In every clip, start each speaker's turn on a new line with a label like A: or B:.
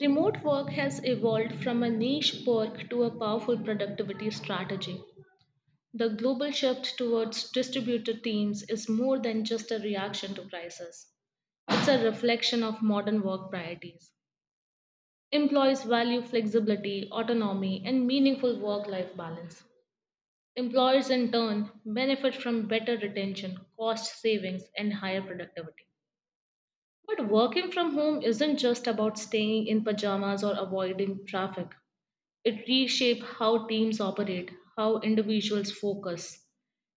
A: Remote work has evolved from a niche perk to a powerful productivity strategy. The global shift towards distributed teams is more than just a reaction to crisis. It's a reflection of modern work priorities. Employees value flexibility, autonomy, and meaningful work life balance. Employers, in turn, benefit from better retention, cost savings, and higher productivity. But working from home isn't just about staying in pajamas or avoiding traffic. It reshapes how teams operate, how individuals focus,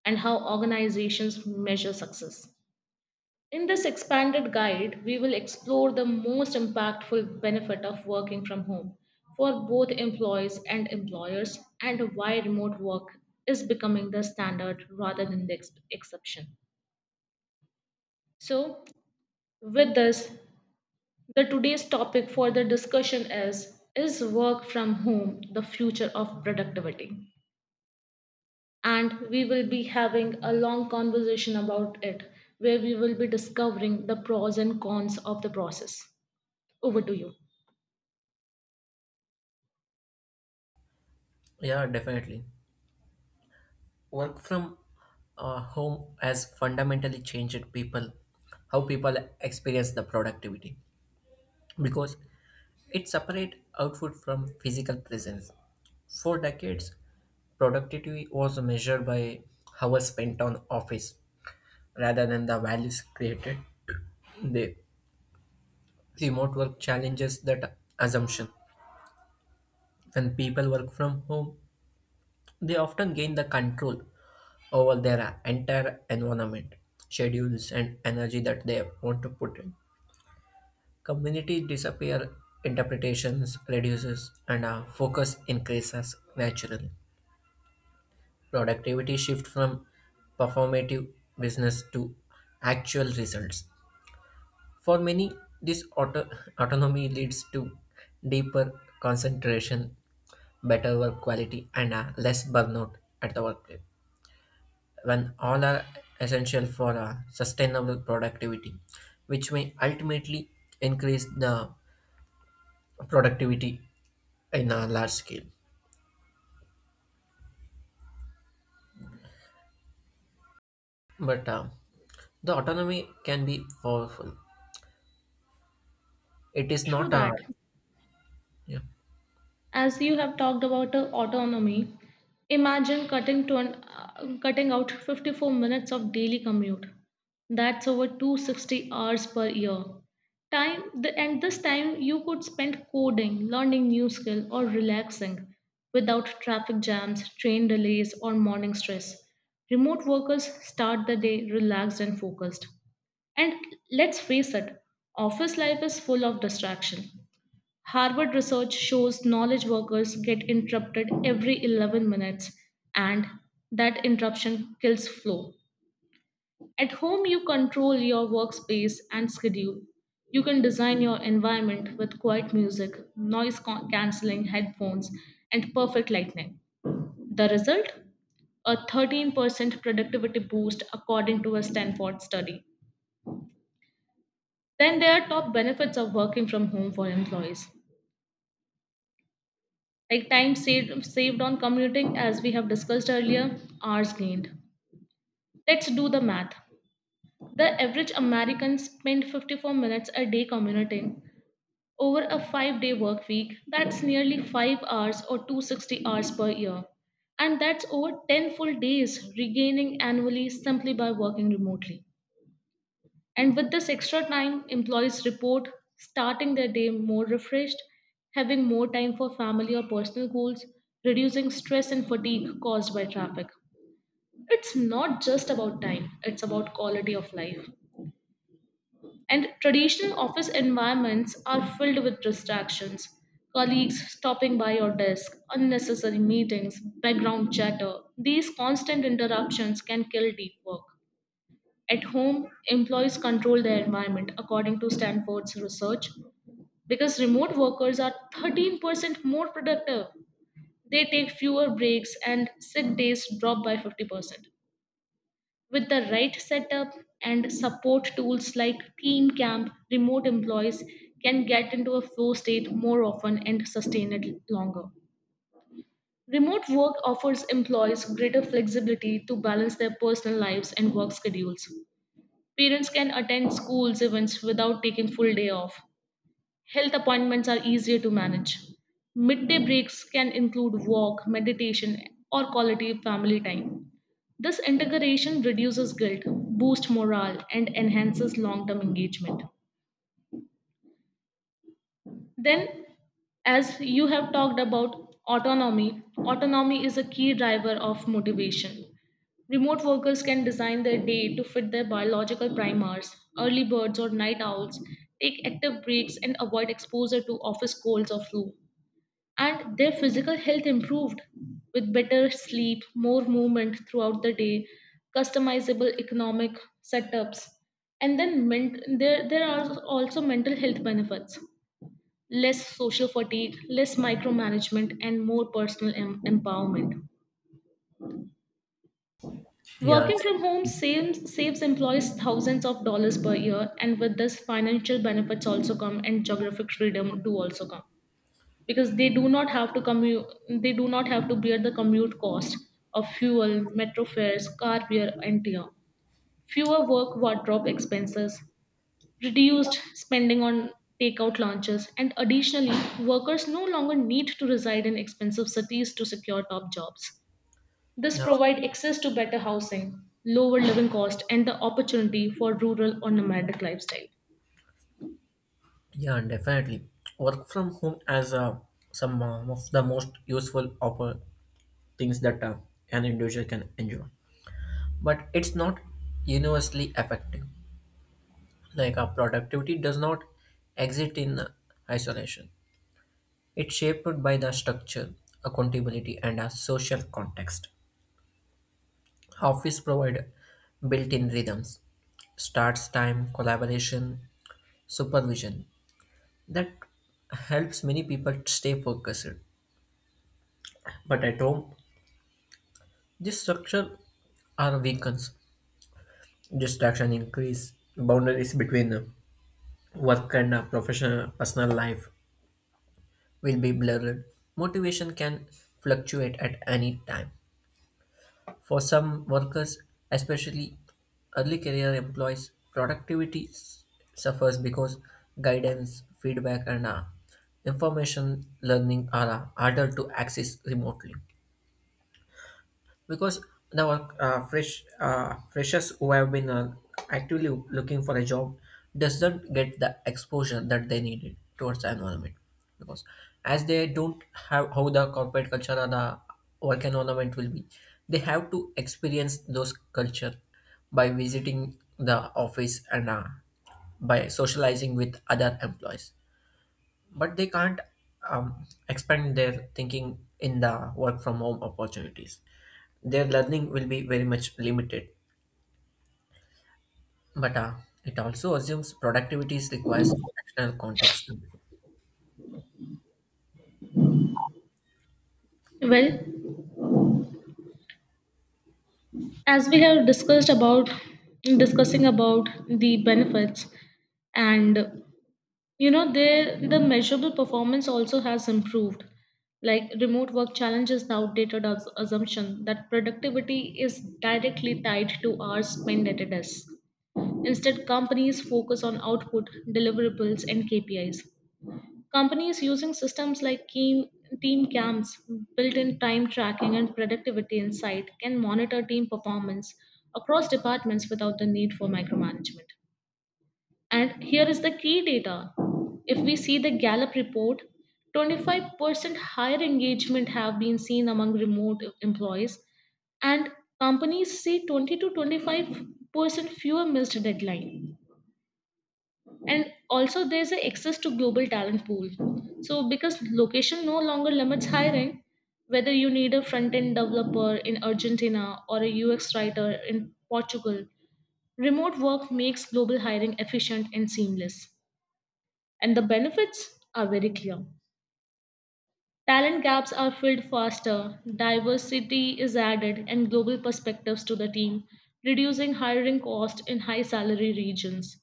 A: and how organizations measure success. In this expanded guide, we will explore the most impactful benefit of working from home for both employees and employers, and why remote work is becoming the standard rather than the exception. So, with this, The today's topic for the discussion is work from home the future of productivity? And we will be having a long conversation about it, where we will be discovering the pros and cons of the process. Over to you.
B: Yeah, definitely. Work from home has fundamentally changed people, how people experience the productivity because it separates output from physical presence. For decades, productivity was measured by hours spent on office rather than the values created. The remote work challenges that assumption. When people work from home, they often gain the control over their entire environment, schedules, and energy that they want to put in. Community disappear, interpretations reduces, and our focus increases naturally. Productivity shift from performative business to actual results. For many, this autonomy leads to deeper concentration, better work quality, and a less burnout at the workplace, when all are essential for sustainable productivity, which may ultimately increase the productivity in a large scale. But The autonomy can be powerful. It is
A: True
B: not a
A: that.
B: yeah
A: As you have talked about autonomy, imagine cutting out 54 minutes of daily commute. That's over 260 hours per year. Time the, and This time you could spend coding, learning new skill, or relaxing without traffic jams, train delays, or morning stress. Remote workers start the day relaxed and focused. And let's face it, office life is full of distraction. Harvard research shows knowledge workers get interrupted every 11 minutes, and that interruption kills flow. At home, you control your workspace and schedule. You can design your environment with quiet music, canceling headphones, and perfect lighting. The result? A 13% productivity boost according to a Stanford study. Then there are top benefits of working from home for employees. Like time saved on commuting. As we have discussed earlier, hours gained, let's do the math. The average American spent 54 minutes a day commuting. Over a 5-day work week, that's nearly 5 hours, or 260 hours per year, and that's over 10 full days regaining annually simply by working remotely. And with this extra time, employees report starting their day more refreshed, having more time for family or personal goals, reducing stress and fatigue caused by traffic. It's not just about time, it's about quality of life. And traditional office environments are filled with distractions. Colleagues stopping by your desk, unnecessary meetings, background chatter. These constant interruptions can kill deep work. At home, employees control their environment. According to Stanford's research, because remote workers are 13% more productive. They take fewer breaks and sick days drop by 50%. With the right setup and support tools like Team Camp, remote employees can get into a flow state more often and sustain it longer. Remote work offers employees greater flexibility to balance their personal lives and work schedules. Parents can attend schools events without taking full day off. Health appointments are easier to manage. Midday breaks can include walk, meditation, or quality family time. This integration reduces guilt, boosts morale, and enhances long term engagement. Then, as you have talked about autonomy, autonomy is a key driver of motivation. Remote workers can design their day to fit their biological primers. Early birds or night owls take active breaks and avoid exposure to office colds or flu. And their physical health improved with better sleep, more movement throughout the day, customizable economic setups. And there, are also mental health benefits, less social fatigue, less micromanagement, and more personal empowerment.
B: yeah
A: Working from home saves employees thousands of dollars per year, and with this, financial benefits also come, and geographic freedom do also come because they do not have to commute. They do not have to bear the commute cost of fuel, metro fares, car fare, and tier. Fewer work wardrobe expenses, reduced spending on takeout lunches, and additionally, workers no longer need to reside in expensive cities to secure top jobs. This
B: yeah,
A: provide access to better housing, lower living cost, and the opportunity for rural or nomadic lifestyle.
B: yeah definitely. Work from home as some of the most useful things that an individual can enjoy, but it's not universally effective. Like our productivity does not exist in isolation. It's shaped by the structure, accountability, and a social context. Office provide built-in rhythms, starts time, collaboration, supervision, that helps many people stay focused. But at home, this structure are weakens, distraction increase, boundaries between work and professional personal life will be blurred. Motivation can fluctuate at any time. For some workers, especially early career employees, productivity suffers because guidance, feedback, and information learning are harder to access remotely, because the were freshers who have been actively looking for a job doesn't get the exposure that they needed towards the environment. Because as they don't have how the corporate culture or the work environment will be, they have to experience those culture by visiting the office and by socializing with other employees, but they can't expand their thinking in the work from home opportunities. Their learning will be very much limited, but it also assumes productivity requires external context.
A: Well, as we have discussed about discussing about the benefits, and you know, there the measurable performance also has improved. Like remote work challenges the outdated assumption that productivity is directly tied to hours spent at a desk. Instead, companies focus on output, deliverables, and KPIs. Companies using systems like team camps, built in time tracking, and productivity insight can monitor team performance across departments without the need for micromanagement. And here is the key data. If we see the Gallup report, 25% higher engagement have been seen among remote employees, and companies see 20 to 25% fewer missed deadlines. And also there's a access to global talent pool, so because location no longer limits hiring, whether you need a front end developer in Argentina or a UX writer in Portugal, remote work makes global hiring efficient and seamless. And the benefits are very clear, talent gaps are filled faster, diversity is added, and global perspectives to the team, reducing hiring cost in high salary regions.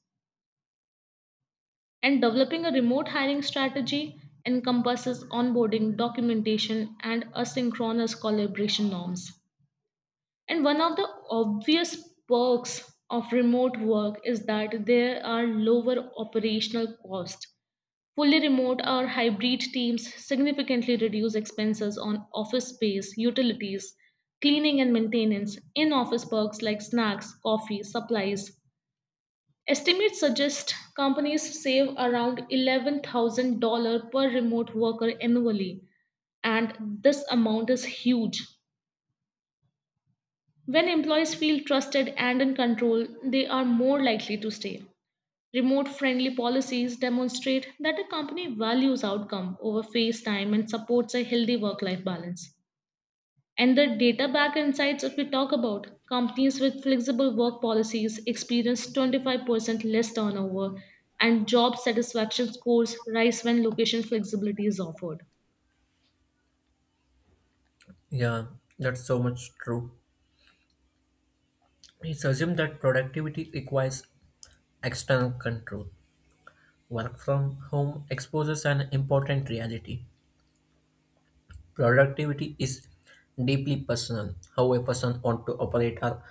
A: And developing a remote hiring strategy encompasses onboarding, documentation, and asynchronous collaboration norms. And one of the obvious perks of remote work is that there are lower operational costs. Fully remote or hybrid teams significantly reduce expenses on office space, utilities, cleaning and maintenance, in office perks like snacks, coffee, supplies. Estimates suggest companies save around $11,000 per remote worker annually, and this amount is huge. When employees feel trusted and in control, they are more likely to stay. Remote friendly policies demonstrate that a company values outcome over face time and supports a healthy work life balance. And the data back insights, if we talk about companies with flexible work policies, experience 25% less turnover, and job satisfaction scores rise when location flexibility is offered.
B: Yeah, that's so much true. It's assumed that productivity requires external control. Work from home exposes an important reality. Productivity is deeply personal. How a person wants to operate or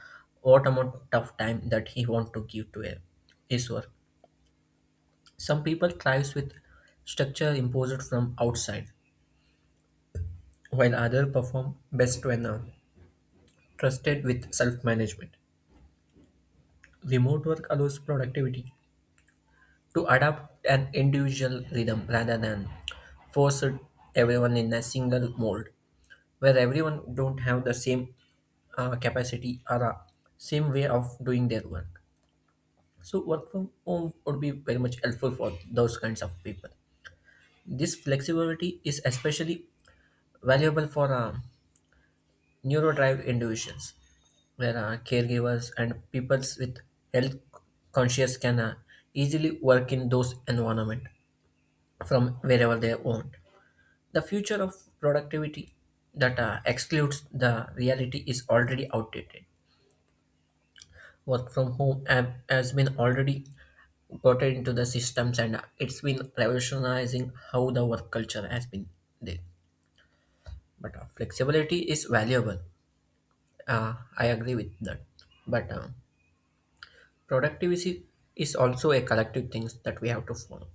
B: what amount of time that he wants to give to a, his work. Some people thrive with structure imposed from outside, while others perform best when trusted with self-management. Remote work allows productivity to adapt an individual rhythm rather than force everyone in a single mold, where everyone don't have the same capacity are a same way of doing their work. So work from home would be very much helpful for those kinds of people. This flexibility is especially valuable for neurodrive individuals, where caregivers and people with health conscious can easily work in those environment from wherever they want. The future of productivity that excludes the reality is already outdated. Work from home app has been already got into the systems, and it's been revolutionizing how the work culture has been there. But Flexibility is valuable, I agree with that, but productivity is also a collective thing that we have to follow.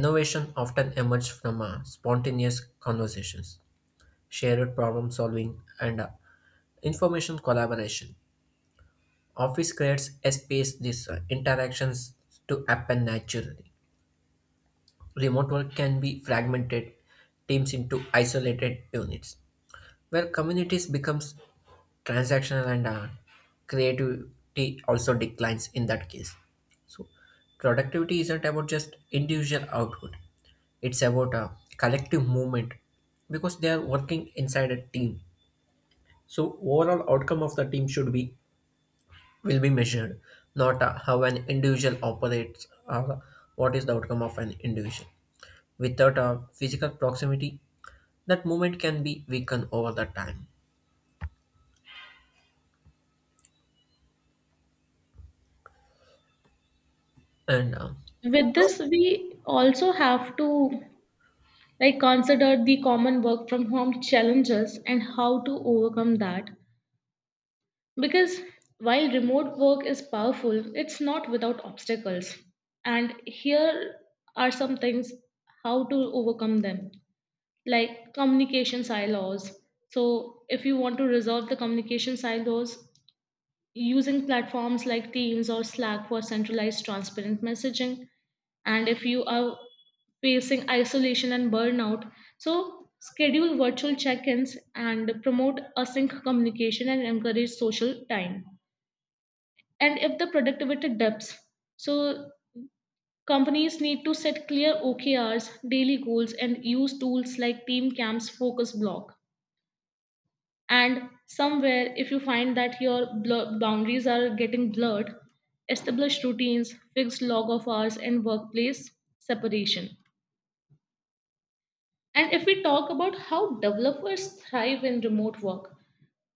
B: Innovation often emerges from spontaneous conversations, shared problem solving, and information collaboration. Office creates a space these interactions to happen naturally. Remote work can be fragmented teams into isolated units, where communities becomes transactional, and creativity also declines in that case. So productivity isn't about just individual output; it's about a collective movement, because they are working inside a team. So overall outcome of the team should be, will be measured, not how an individual operates or what is the outcome of an individual. Without a physical proximity, that movement can be weakened over the time. And
A: With this, we also have to like consider the common work from home challenges and how to overcome that. Because while remote work is powerful, it's not without obstacles. And here are some things how to overcome them. Like communication silos. So, if you want to resolve the communication silos, using platforms like Teams or Slack for centralized transparent messaging. And if you are facing isolation and burnout, so schedule virtual check ins and promote async communication and encourage social time. And if the productivity dips, so companies need to set clear OKRs, daily goals, and use tools like Team Camp's focus block. And somewhere, if you find that your boundaries are getting blurred, establish routines, fixed log of hours, and workplace separation. And if we talk about how developers thrive in remote work,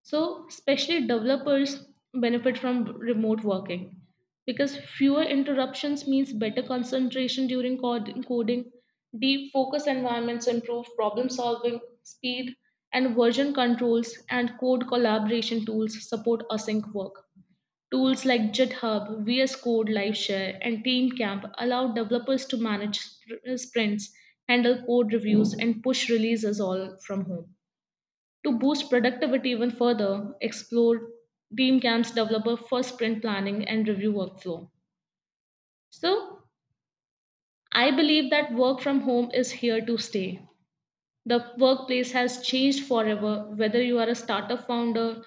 A: so, especially developers benefit from remote working because fewer interruptions means better concentration during coding, deep focus environments improve problem solving speed, and version controls and code collaboration tools support async work. Tools like GitHub, VS Code, LiveShare, and TeamCamp allow developers to manage sprints, handle code reviews, and push releases all from home. To boost productivity even further, explore team camps developer for sprint planning and review workflow. So, I believe that work from home is here to stay. The workplace has changed forever, whether you are a startup founder,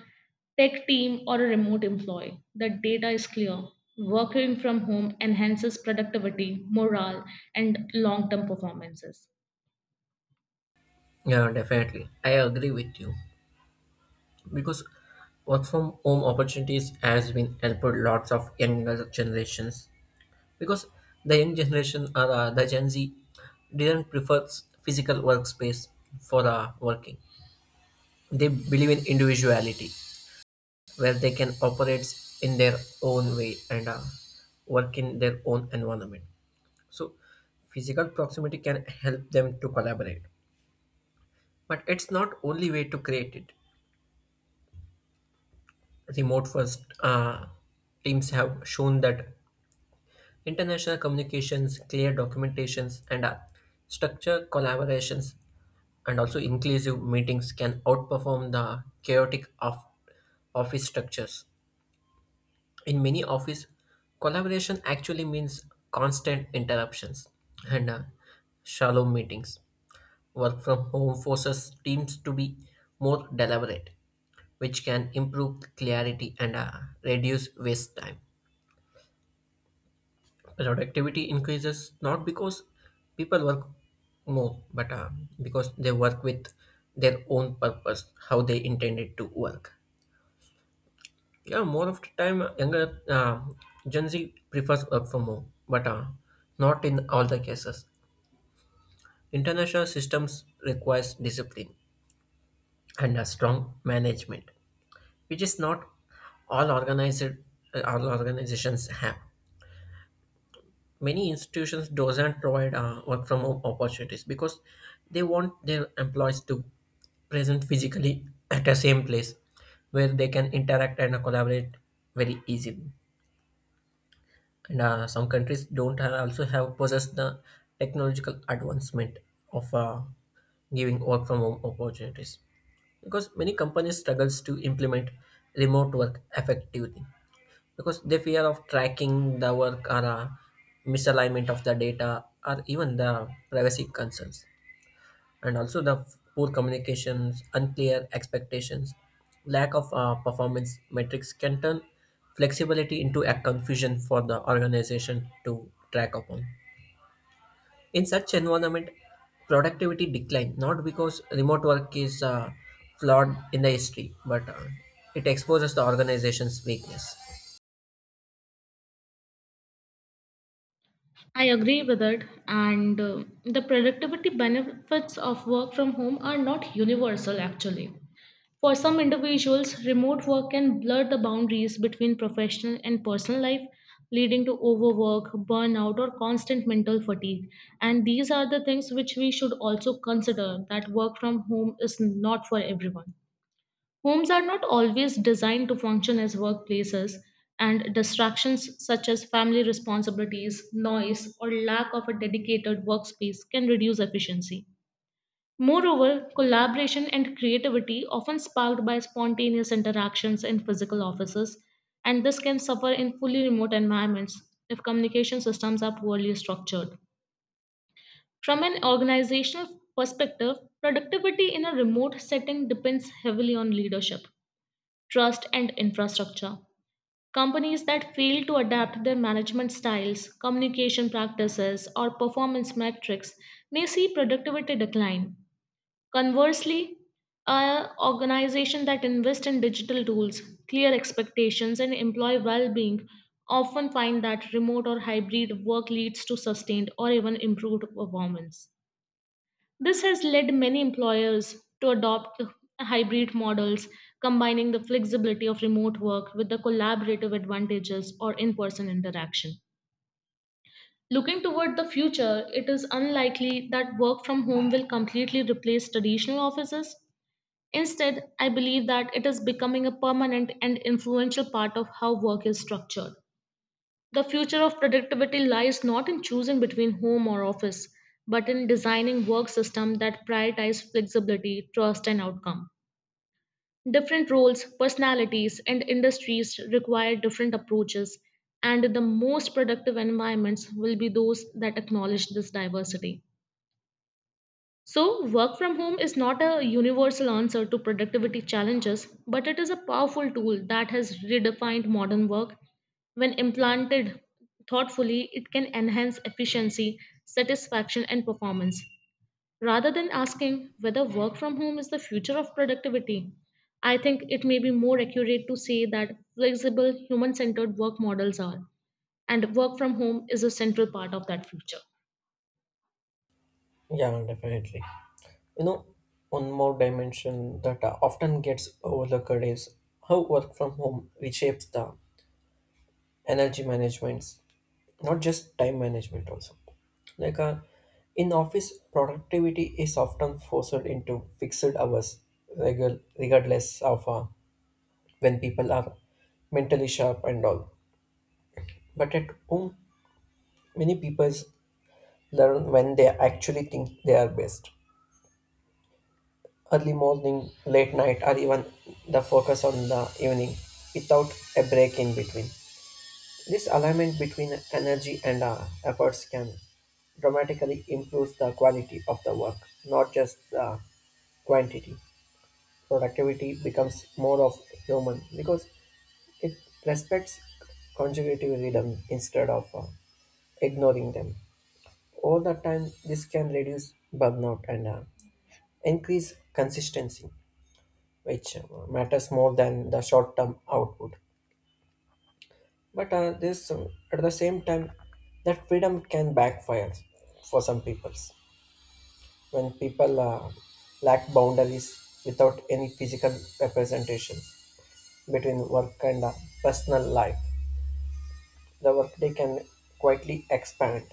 A: tech team, or a remote employee. The data is clear. Working from home enhances productivity, morale, and long term performances.
B: Yeah, definitely, I agree with you, because work from home opportunities has been helped lots of younger generations, because the young generation or the Gen Z didn't prefer physical workspace for working. They believe in individuality, where they can operate in their own way and work in their own environment. So physical proximity can help them to collaborate, but it's not only way to create it. Remote first teams have shown that international communications, clear documentations, and structured collaborations, and also inclusive meetings can outperform the chaotic of office structures. In many office, collaboration actually means constant interruptions and shallow meetings. Work from home forces teams to be more deliberate, which can improve clarity and reduce waste time. Productivity increases not because people work more, but because they work with their own purpose, how they intended to work. Yeah, more of the time, younger Gen Z prefers work from home, but not in all the cases. International systems requires discipline and a strong management, which is not all organized, all organizations have. Many institutions doesn't provide work from home opportunities, because they want their employees to present physically at the same place where they can interact and collaborate very easily. And Some countries don't have, also have possess the technological advancement of giving work from home opportunities, because many companies struggles to implement remote work effectively, because they fear of tracking the work or misalignment of the data or even the privacy concerns. And also the poor communications, unclear expectations, lack of performance metrics can turn flexibility into a confusion for the organization to track upon. In such environment, productivity decline, not because remote work is flawed in the history, but it exposes the organization's weakness.
A: I agree with it, and the productivity benefits of work from home are not universal actually. For some individuals, remote work can blur the boundaries between professional and personal life, leading to overwork, burnout, or constant mental fatigue. And these are the things which we should also consider, that work from home is not for everyone. Homes are not always designed to function as workplaces, and distractions such as family responsibilities, noise, or lack of a dedicated workspace can reduce efficiency. Moreover, collaboration and creativity often sparked by spontaneous interactions in physical offices, and this can suffer in fully remote environments if communication systems are poorly structured. From an organizational perspective, productivity in a remote setting depends heavily on leadership, trust, and infrastructure. Companies that fail to adapt their management styles, communication practices, or performance metrics may see productivity decline. Conversely, an organization that invest in digital tools, clear expectations, and employee well-being often find that remote or hybrid work leads to sustained or even improved performance. This has led many employers to adopt hybrid models, combining the flexibility of remote work with the collaborative advantages or in person interaction. Looking toward the future, it is unlikely that work from home will completely replace traditional offices. Instead, I believe that it is becoming a permanent and influential part of how work is structured. The future of productivity lies not in choosing between home or office, but in designing work systems that prioritize flexibility, trust, and outcome. Different roles, personalities, and industries require different approaches, and the most productive environments will be those that acknowledge this diversity. So, work from home is not a universal answer to productivity challenges, but it is a powerful tool that has redefined modern work. When implanted thoughtfully, it can enhance efficiency, satisfaction, and performance. Rather than asking whether work from home is the future of productivity, I think it may be more accurate to say that flexible, human centered work models are, and work from home is a central part of that future.
B: Yeah, definitely. You know, one more dimension that often gets overlooked is how work from home reshapes the energy management, not just time management also. Like in office, productivity is often forced into fixed hours, regardless of when people are mentally sharp and all. But at home, many people learn when they actually think they are best. Early morning, late night, or even the focus on the evening without a break in between. This alignment between energy and efforts can dramatically improve the quality of the work, not just the quantity. Productivity becomes more of human because it respects consecutive rhythm instead of ignoring them. All the time, this can reduce burnout and increase consistency, which matters more than the short-term output. At the same time, that freedom can backfire for some peoples. When people lack boundaries without any physical representation between work and personal life, the workday can quietly expand.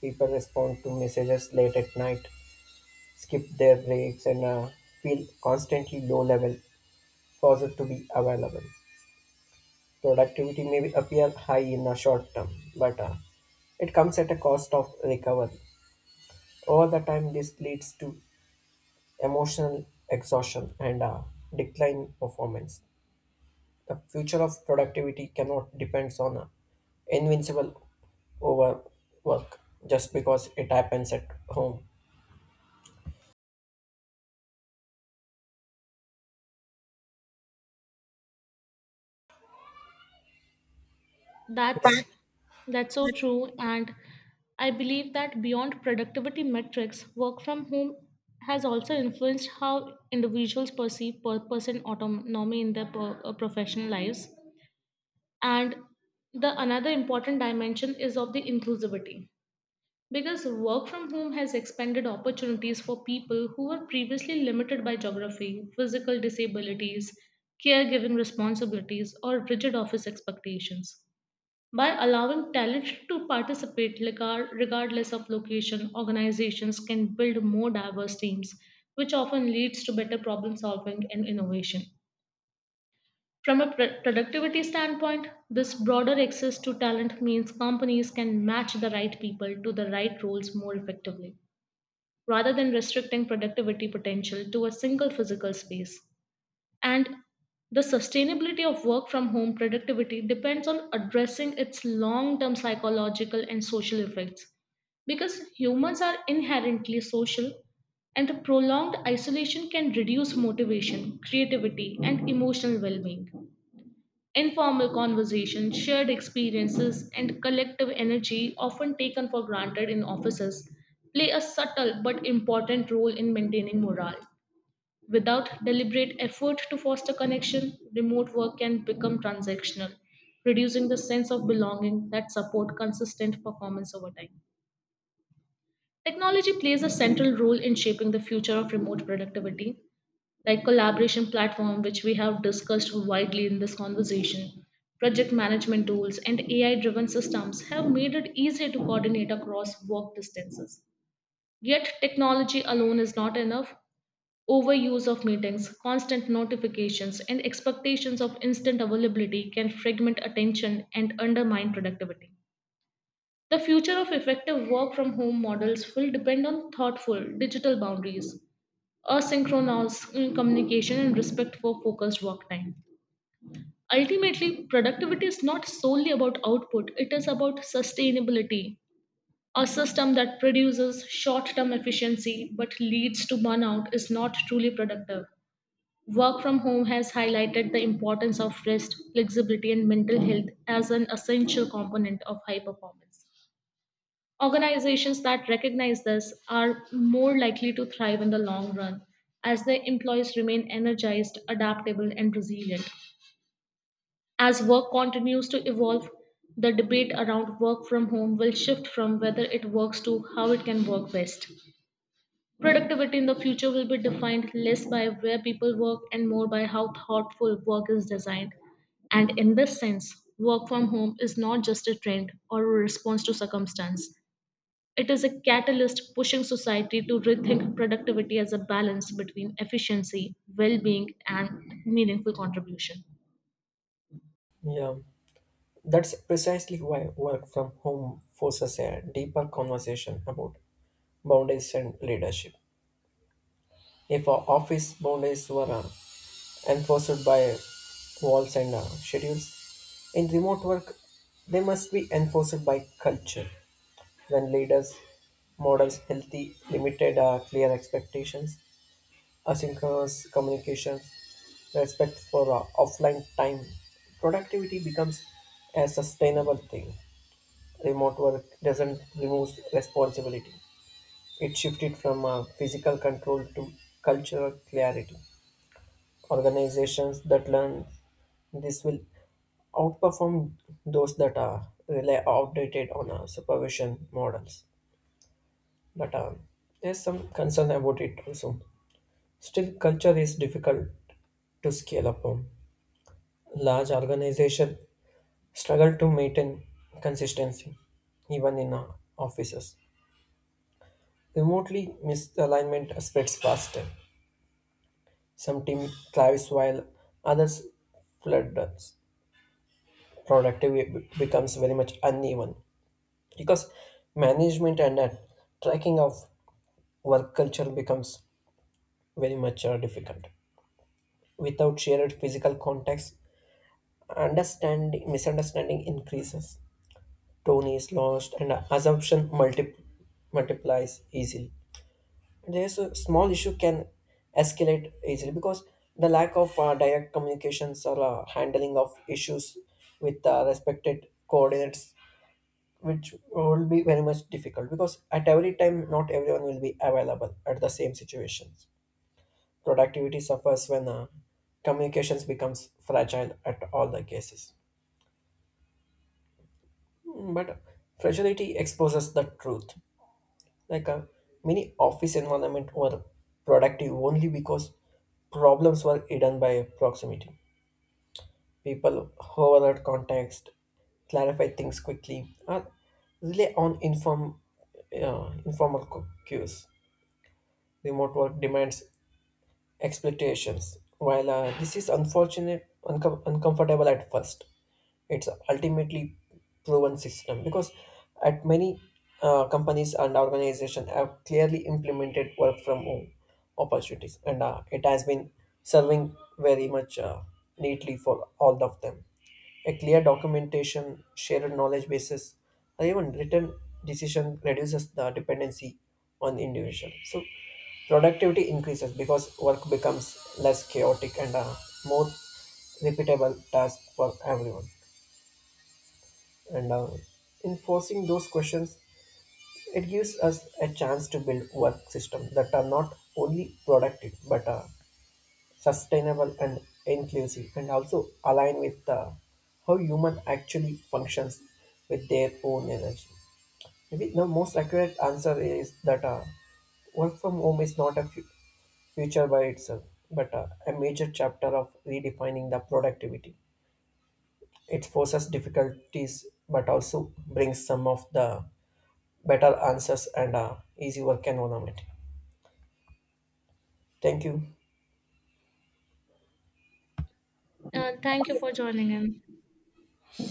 B: People respond to messages late at night, skip their breaks, and feel constantly low level, forced to be available. Productivity may appear high in the short term, but it comes at a cost of recovery. Over the time, this leads to emotional exhaustion and decline in performance. The future of productivity cannot depends on invincible overwork just because it happens at home.
A: That's that's so true. And I believe that beyond productivity metrics, work from home has also influenced how individuals perceive purpose and autonomy in their professional lives. And the another important dimension is of the inclusivity. Because work from home has expanded opportunities for people who were previously limited by geography, physical disabilities, caregiving responsibilities, or rigid office expectations. By allowing talent to participate regardless of location, organizations can build more diverse teams, which often leads to better problem solving and innovation. From a productivity standpoint, this broader access to talent means companies can match the right people to the right roles more effectively, rather than restricting productivity potential to a single physical space. And the sustainability of work from home productivity depends on addressing its long term psychological and social effects. Because humans are inherently social, and the prolonged isolation can reduce motivation, creativity, and emotional well being. Informal conversations, shared experiences, and collective energy, often taken for granted in offices, play a subtle but important role in maintaining morale. Without deliberate effort to foster connection, remote work can become transactional, reducing the sense of belonging that support consistent performance over time. Technology plays a central role in shaping the future of remote productivity, like collaboration platform which we have discussed widely in this conversation. Project management tools and AI driven systems have made it easier to coordinate across work distances. Yet, technology alone is not enough. Overuse of meetings, constant notifications, and expectations of instant availability can fragment attention and undermine productivity. The future of effective work from home models will depend on thoughtful digital boundaries, asynchronous communication, and respect for focused work time. Ultimately, productivity is not solely about output, it is about sustainability. A system that produces short term efficiency but leads to burnout is not truly productive. Work from home has highlighted the importance of rest, flexibility, and mental health as an essential component of high performance. Organizations that recognize this are more likely to thrive in the long run as their employees remain energized, adaptable, and resilient. As work continues to evolve, the debate around work from home will shift from whether it works to how it can work best. Productivity in the future will be defined less by where people work and more by how thoughtful work is designed. And in this sense, work from home is not just a trend or a response to circumstance. It is a catalyst pushing society to rethink productivity as a balance between efficiency, well being, and meaningful contribution.
B: Yeah, that's precisely why work from home forces a deeper conversation about boundaries and leadership. If our office boundaries were enforced by walls and schedules. In remote work, they must be enforced by culture. When leaders models healthy, limited, clear expectations, asynchronous communications, respect for offline time, productivity becomes a sustainable thing. Remote work doesn't remove responsibility. It shifted from physical control to cultural clarity. Organizations that learn this will outperform those that are rely outdated on supervision models. But There's some concern about it also. Still, culture is difficult to scale upon. Large organizations struggle to maintain consistency, even in offices. Remotely, misalignment spreads faster. Some team thrives while others flood. Productivity becomes very much uneven, because management and tracking of work culture becomes very much difficult. Without shared physical context, understanding, misunderstanding increases, tone is lost, and assumption multiplies easily. There's a small issue can escalate easily, because the lack of direct communications or handling of issues with respected coordinates, which will be very much difficult, because at every time not everyone will be available at the same situations. Productivity suffers when communications becomes fragile at all the cases. But fragility exposes the truth. Like a mini office environment were productive only because problems were hidden by proximity. People overload context, clarify things quickly, or rely on informal cues. Remote work demands expectations. While this is unfortunate, uncomfortable at first, it's ultimately proven system, because at many companies and organizations have clearly implemented work from home opportunities, and it has been serving very much neatly for all of them. A clear documentation, shared knowledge bases, or even written decision reduces the dependency on the individual, so productivity increases because work becomes less chaotic and a more repeatable task for everyone. And In forcing those questions, it gives us a chance to build work systems that are not only productive but sustainable and inclusive, and also align with how human actually functions with their own energy. Maybe the most accurate answer is that work from home is not a future by itself, but a major chapter of redefining the productivity. It forces difficulties, but also brings some of the better answers and easy work environment. Thank you.
A: Thank you for joining in.